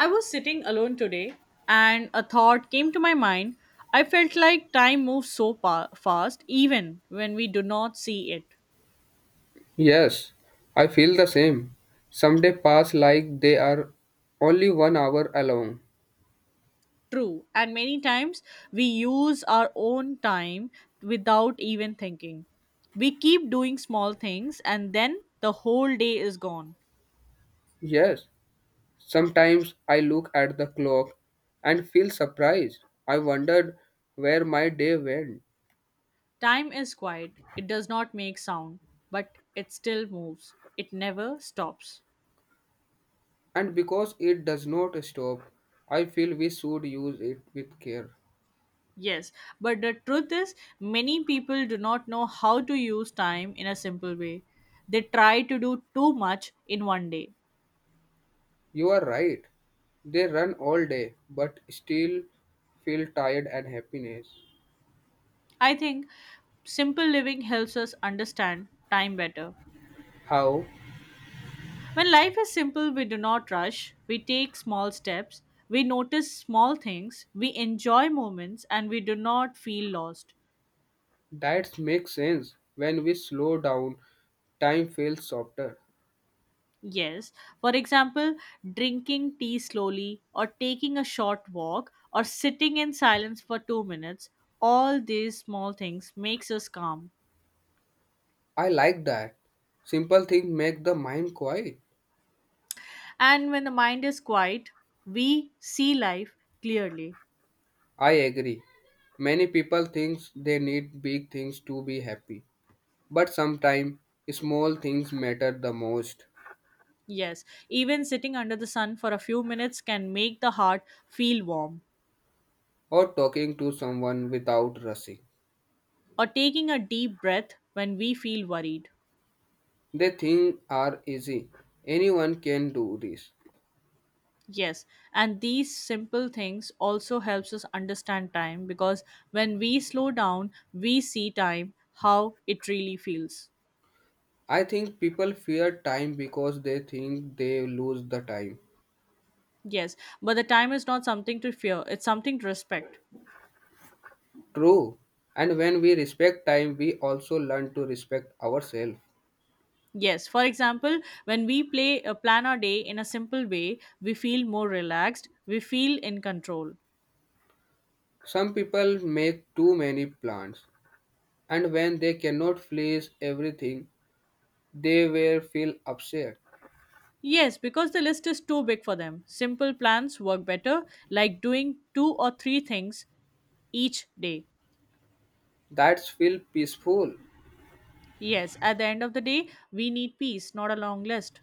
I was sitting alone today and a thought came to my mind. I felt like time moves so fast even when we do not see it. Yes, I feel the same. Some days pass like they are only 1 hour along. True, and many times we use our own time without even thinking. We keep doing small things and then the whole day is gone. Yes, sometimes I look at the clock and feel surprised. I wondered where my day went. Time is quiet, it does not make sound, but it still moves, it never stops. And because it does not stop, I feel we should use it with care. Yes, but the truth is, many people do not know how to use time in a simple way. They try to do too much in one day. You are right. They run all day but still feel tired and happiness. I think simple living helps us understand time better. How? When life is simple, we do not rush, we take small steps, we notice small things, we enjoy moments, and we do not feel lost. That makes sense. When we slow down, time feels softer. Yes. For example, drinking tea slowly, or taking a short walk, or sitting in silence for 2 minutes, all these small things makes us calm. I like that. Simple things make the mind quiet. And when the mind is quiet, we see life clearly. I agree. Many people think they need big things to be happy. But sometimes small things matter the most. Yes, even sitting under the sun for a few minutes can make the heart feel warm, Or talking to someone without rushing. or taking a deep breath when we feel worried. They think are easy. Anyone can do this. Yes, and these simple things also helps us understand time because when we slow down, we see time how it really feels. I think people fear time because they think they lose the time. Yes, but the time is not something to fear, it's something to respect. True. And when we respect time, we also learn to respect ourselves. Yes, for example, when we play plan our day in a simple way, we feel more relaxed, we feel in control. Some people make too many plans, and when they cannot please everything, they will feel upset. Yes, because the list is too big for them. Simple plans work better, like doing two or three things each day. That's feel peaceful. Yes, at the end of the day, we need peace, not a long list.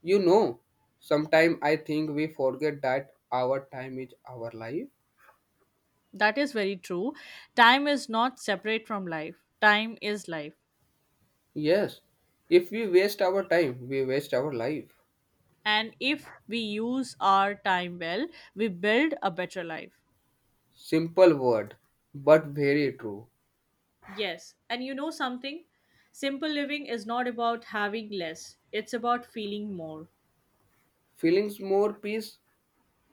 You know, sometimes I think we forget that our time is our life. That is very true. Time is not separate from life, time is life. Yes, if we waste our time, we waste our life. And if we use our time well, we build a better life. Simple word, but very true. Yes, and you know something? Simple living is not about having less, it's about feeling more Feelings more peace,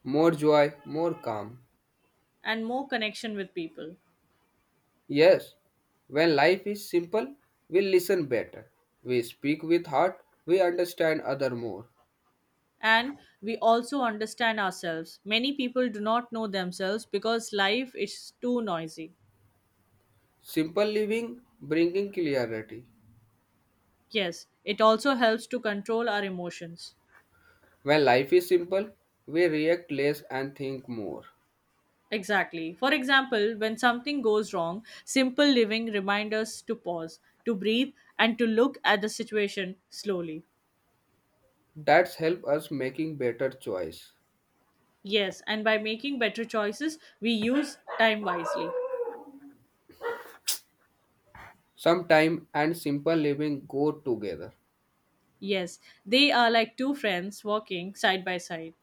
more joy, more calm. and more connection with people. Yes, when life is simple, we listen better. We speak with heart, we understand other more. And we also understand ourselves. Many people do not know themselves because life is too noisy. Simple living bringing clarity. Yes, it also helps to control our emotions. When life is simple, we react less and think more. Exactly. For example, when something goes wrong, simple living reminds us to pause, to breathe, and to look at the situation slowly. That's help us making better choice. Yes, and by making better choices, we use time wisely. Sometime and simple living go together. Yes, they are like two friends walking side by side.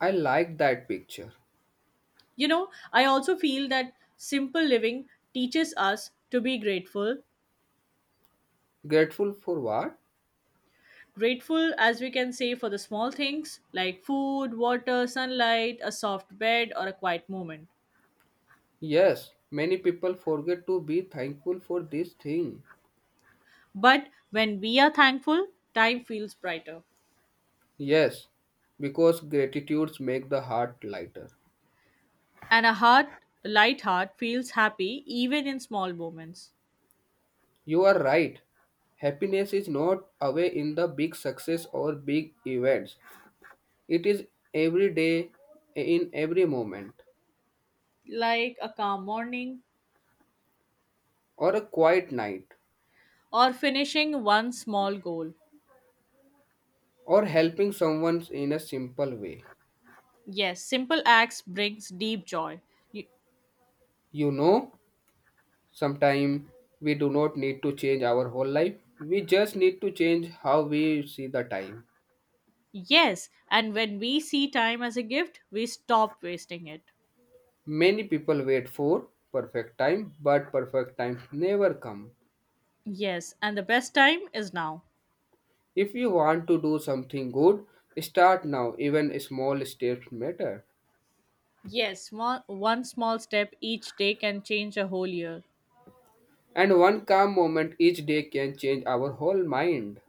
I like that picture. You know, I also feel that simple living teaches us to be grateful Grateful for what? grateful as we can say for the small things like food, water, sunlight, a soft bed, or a quiet moment. Yes, many people forget to be thankful for this thing. But when we are thankful, time feels brighter. Yes, because gratitudes make the heart lighter. And a heart, a light heart, feels happy even in small moments, You are right. Happiness is not away in the big success or big events. It is every day, in every moment, like a calm morning or a quiet night, or finishing one small goal. or helping someone in a simple way. Yes, simple acts brings deep joy. Y- You know, sometimes we do not need to change our whole life. We just need to change how we see the time. Yes, and when we see time as a gift, we stop wasting it. Many people wait for perfect time, but perfect time never come. Yes, and the best time is now. If you want to do something good, start now. Even small steps matter. Yes, small, one small step each day can change a whole year. And one calm moment each day can change our whole mind.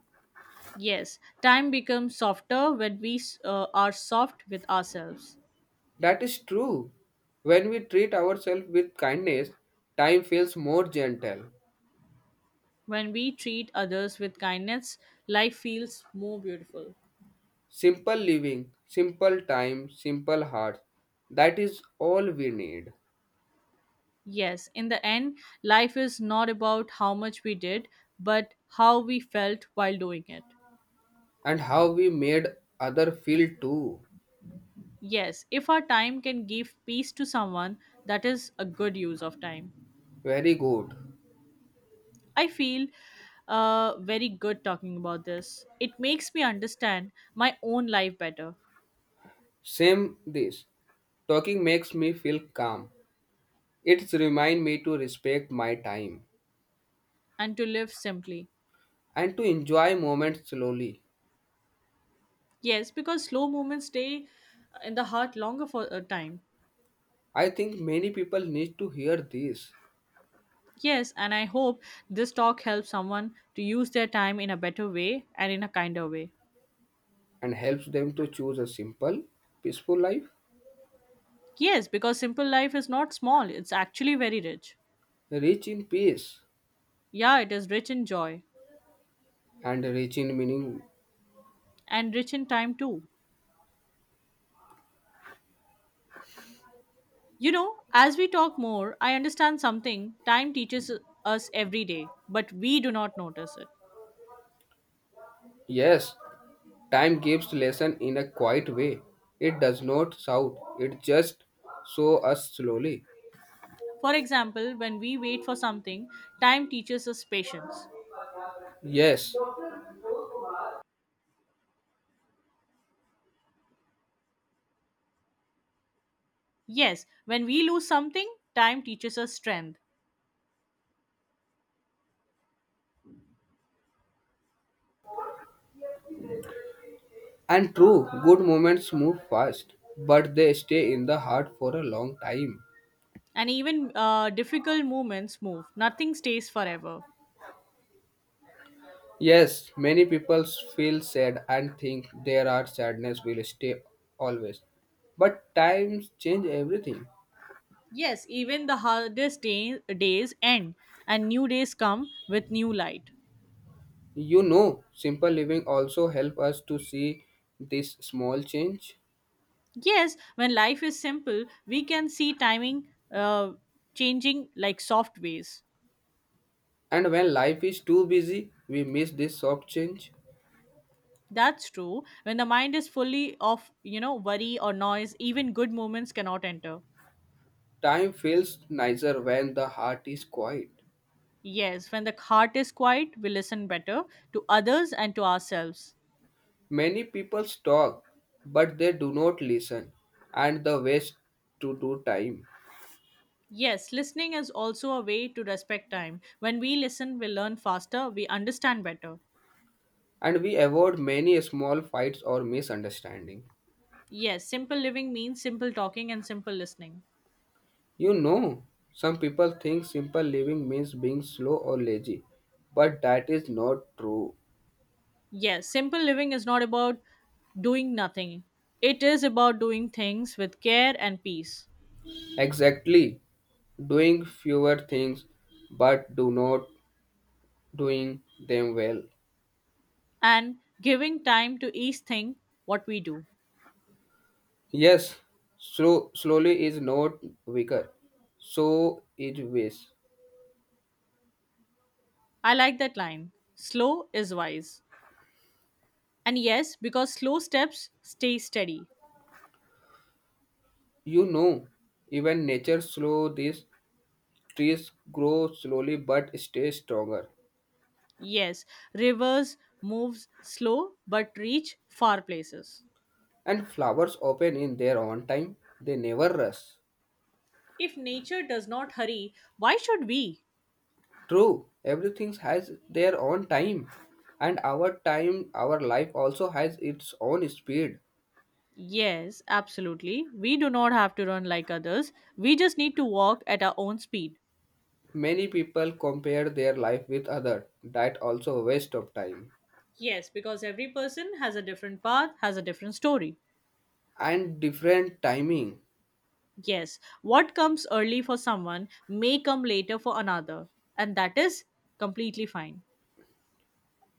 Yes, time becomes softer when we are soft with ourselves. That is true. When we treat ourselves with kindness, time feels more gentle. When we treat others with kindness, life feels more beautiful. Simple living, simple time, simple hearts. That is all we need. Yes, in the end, life is not about how much we did, but how we felt while doing it. And how we made other feel too. Yes, if our time can give peace to someone, that is a good use of time. Very good. I feel very good talking about this. It makes me understand my own life better Same this. Talking makes me feel calm. It's remind me to respect my time and to live simply. and to enjoy moments slowly. Yes, because slow moments stay in the heart longer for a time. I think many people need to hear this Yes, and I hope this talk helps someone to use their time in a better way and in a kinder way. and helps them to choose a simple, peaceful life, Yes, because simple life is not small, it's actually very rich. rich in peace Yeah, it is rich in joy and rich in meaning. and rich in time too. You know, as we talk more, I understand something time teaches us every day, but we do not notice it. Yes, time gives lesson in a quiet way. It does not shout. It just show us slowly. For example, when we wait for something, time teaches us patience. Yes, Yes, when we lose something, time teaches us strength. and true, good moments move fast, but they stay in the heart for a long time. And even difficult moments move, nothing stays forever. Yes, many people feel sad and think there are sadness will stay always. But times change everything. Yes, even the hardest days end, and new days come with new light. You know, simple living also help us to see this small change. Yes, when life is simple, we can see timing changing like soft ways. And when life is too busy, we miss this soft change. That's true. When the mind is fully of, worry or noise, even good moments cannot enter. Time feels nicer when the heart is quiet. Yes, when the heart is quiet, we listen better to others and to ourselves. Many people talk, but they do not listen, and the waste to do time. Yes, listening is also a way to respect time. When we listen, we learn faster, we understand better. And we avoid many small fights or misunderstanding. Yes, simple living means simple talking and simple listening. You know, some people think simple living means being slow or lazy, but that is not true. Yes, simple living is not about doing nothing, it is about doing things with care and peace Exactly, doing fewer things but do not doing them well. and giving time to each thing what we do. Yes, slow slowly is not weaker. So is waste. I like that line. Slow is wise. And yes, because slow steps stay steady. You know, even nature slow these trees grow slowly but stay stronger. Yes, rivers moves slow but reach far places. And flowers open in their own time. They never rush. If nature does not hurry, why should we? True, everything has their own time, and our time, our life also has its own speed. Yes, absolutely. We do not have to run like others. We just need to walk at our own speed. Many people compare their life with other. That also waste of time Yes, because every person has a different path, has a different story. and different timing. Yes, what comes early for someone may come later for another, and that is completely fine.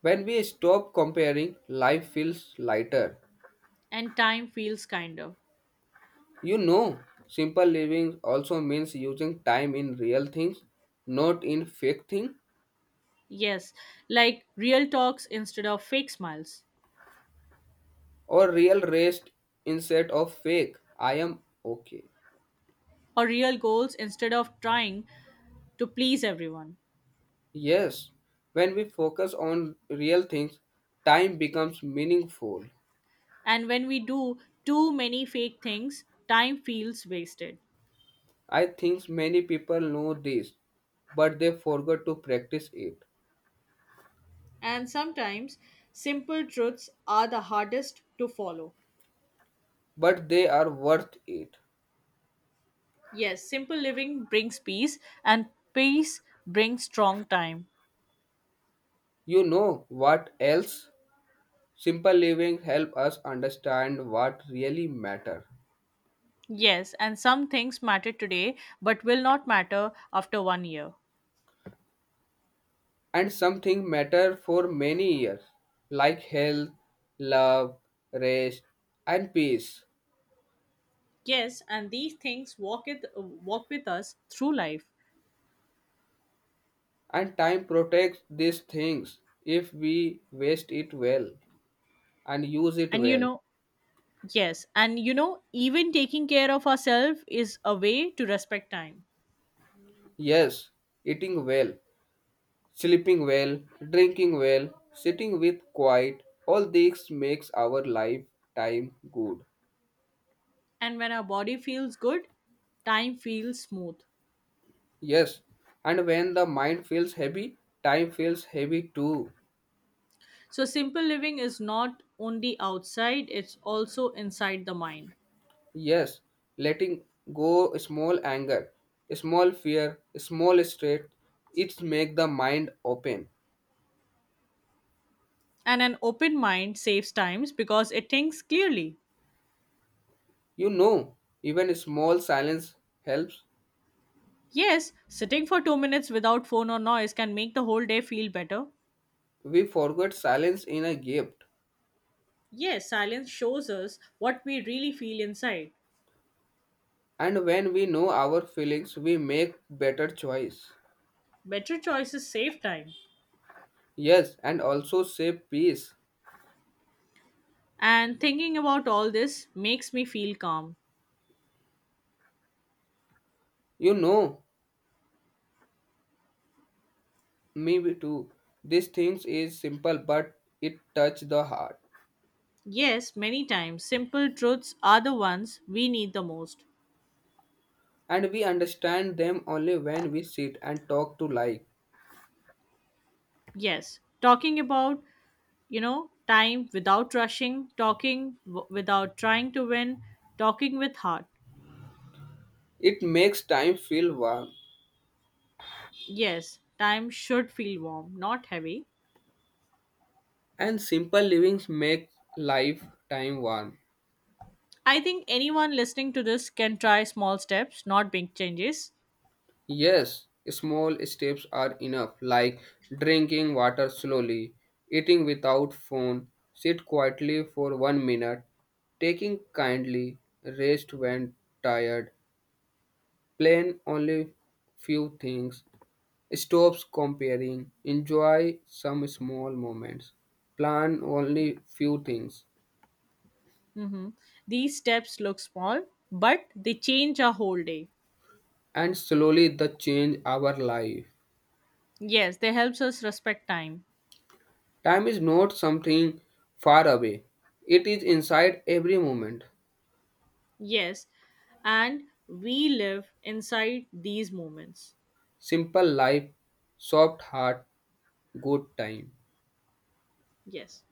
When we stop comparing, life feels lighter. And time feels kinder. You know, simple living also means using time in real things, not in fake thing Yes, like real talks instead of fake smiles, or real rest instead of fake. I am okay. or real goals instead of trying to please everyone. Yes, when we focus on real things, time becomes meaningful. And when we do too many fake things, time feels wasted. I think many people know this, but they forgot to practice it. And sometimes simple truths are the hardest to follow. But they are worth it. Yes, simple living brings peace, and peace brings strong time. You know what else? Simple living help us understand what really matter Yes, and some things matter today but will not matter after one year. and something matter for many years like health, love, rest and peace. Yes, and these things walk with us through life. And time protects these things if we waste it well, and use it And you well. know, yes, and you know, even taking care of ourselves is a way to respect time. Yes, eating well, sleeping well, drinking well, sitting with quiet, all these makes our lifetime good. And when our body feels good, time feels smooth. Yes, and when the mind feels heavy, time feels heavy too. So simple living is not only outside, it's also inside the mind. Yes, letting go small anger, small fear, small stress, it make the mind open. And an open mind saves times because it thinks clearly. You know, even small silence helps. Yes, sitting for 2 minutes without phone or noise can make the whole day feel better. We forget silence in a gift. Yes, silence shows us what we really feel inside. And when we know our feelings, we make better choice. Better choices save time. Yes, and also save peace. And thinking about all this makes me feel calm. You know, me too. These things is simple, but it touch the heart. Yes, many times simple truths are the ones we need the most. And we understand them only when we sit and talk to life. Yes, talking about, time without rushing, without trying to win, talking with heart. It makes time feel warm. Yes, time should feel warm, not heavy. And simple livings make life time warm. I think anyone listening to this can try small steps, not big changes. Yes, small steps are enough, like drinking water slowly, eating without phone, sit quietly for 1 minute, taking kindly, rest when tired, plan only few things, stops comparing, enjoy some small moments, plan only few things, Hmm. These steps look small, but they change our whole day. and slowly the change our life. Yes, they helps us respect time. Time is not something far away. It is inside every moment. Yes, and we live inside these moments. Simple life, soft heart, good time. Yes.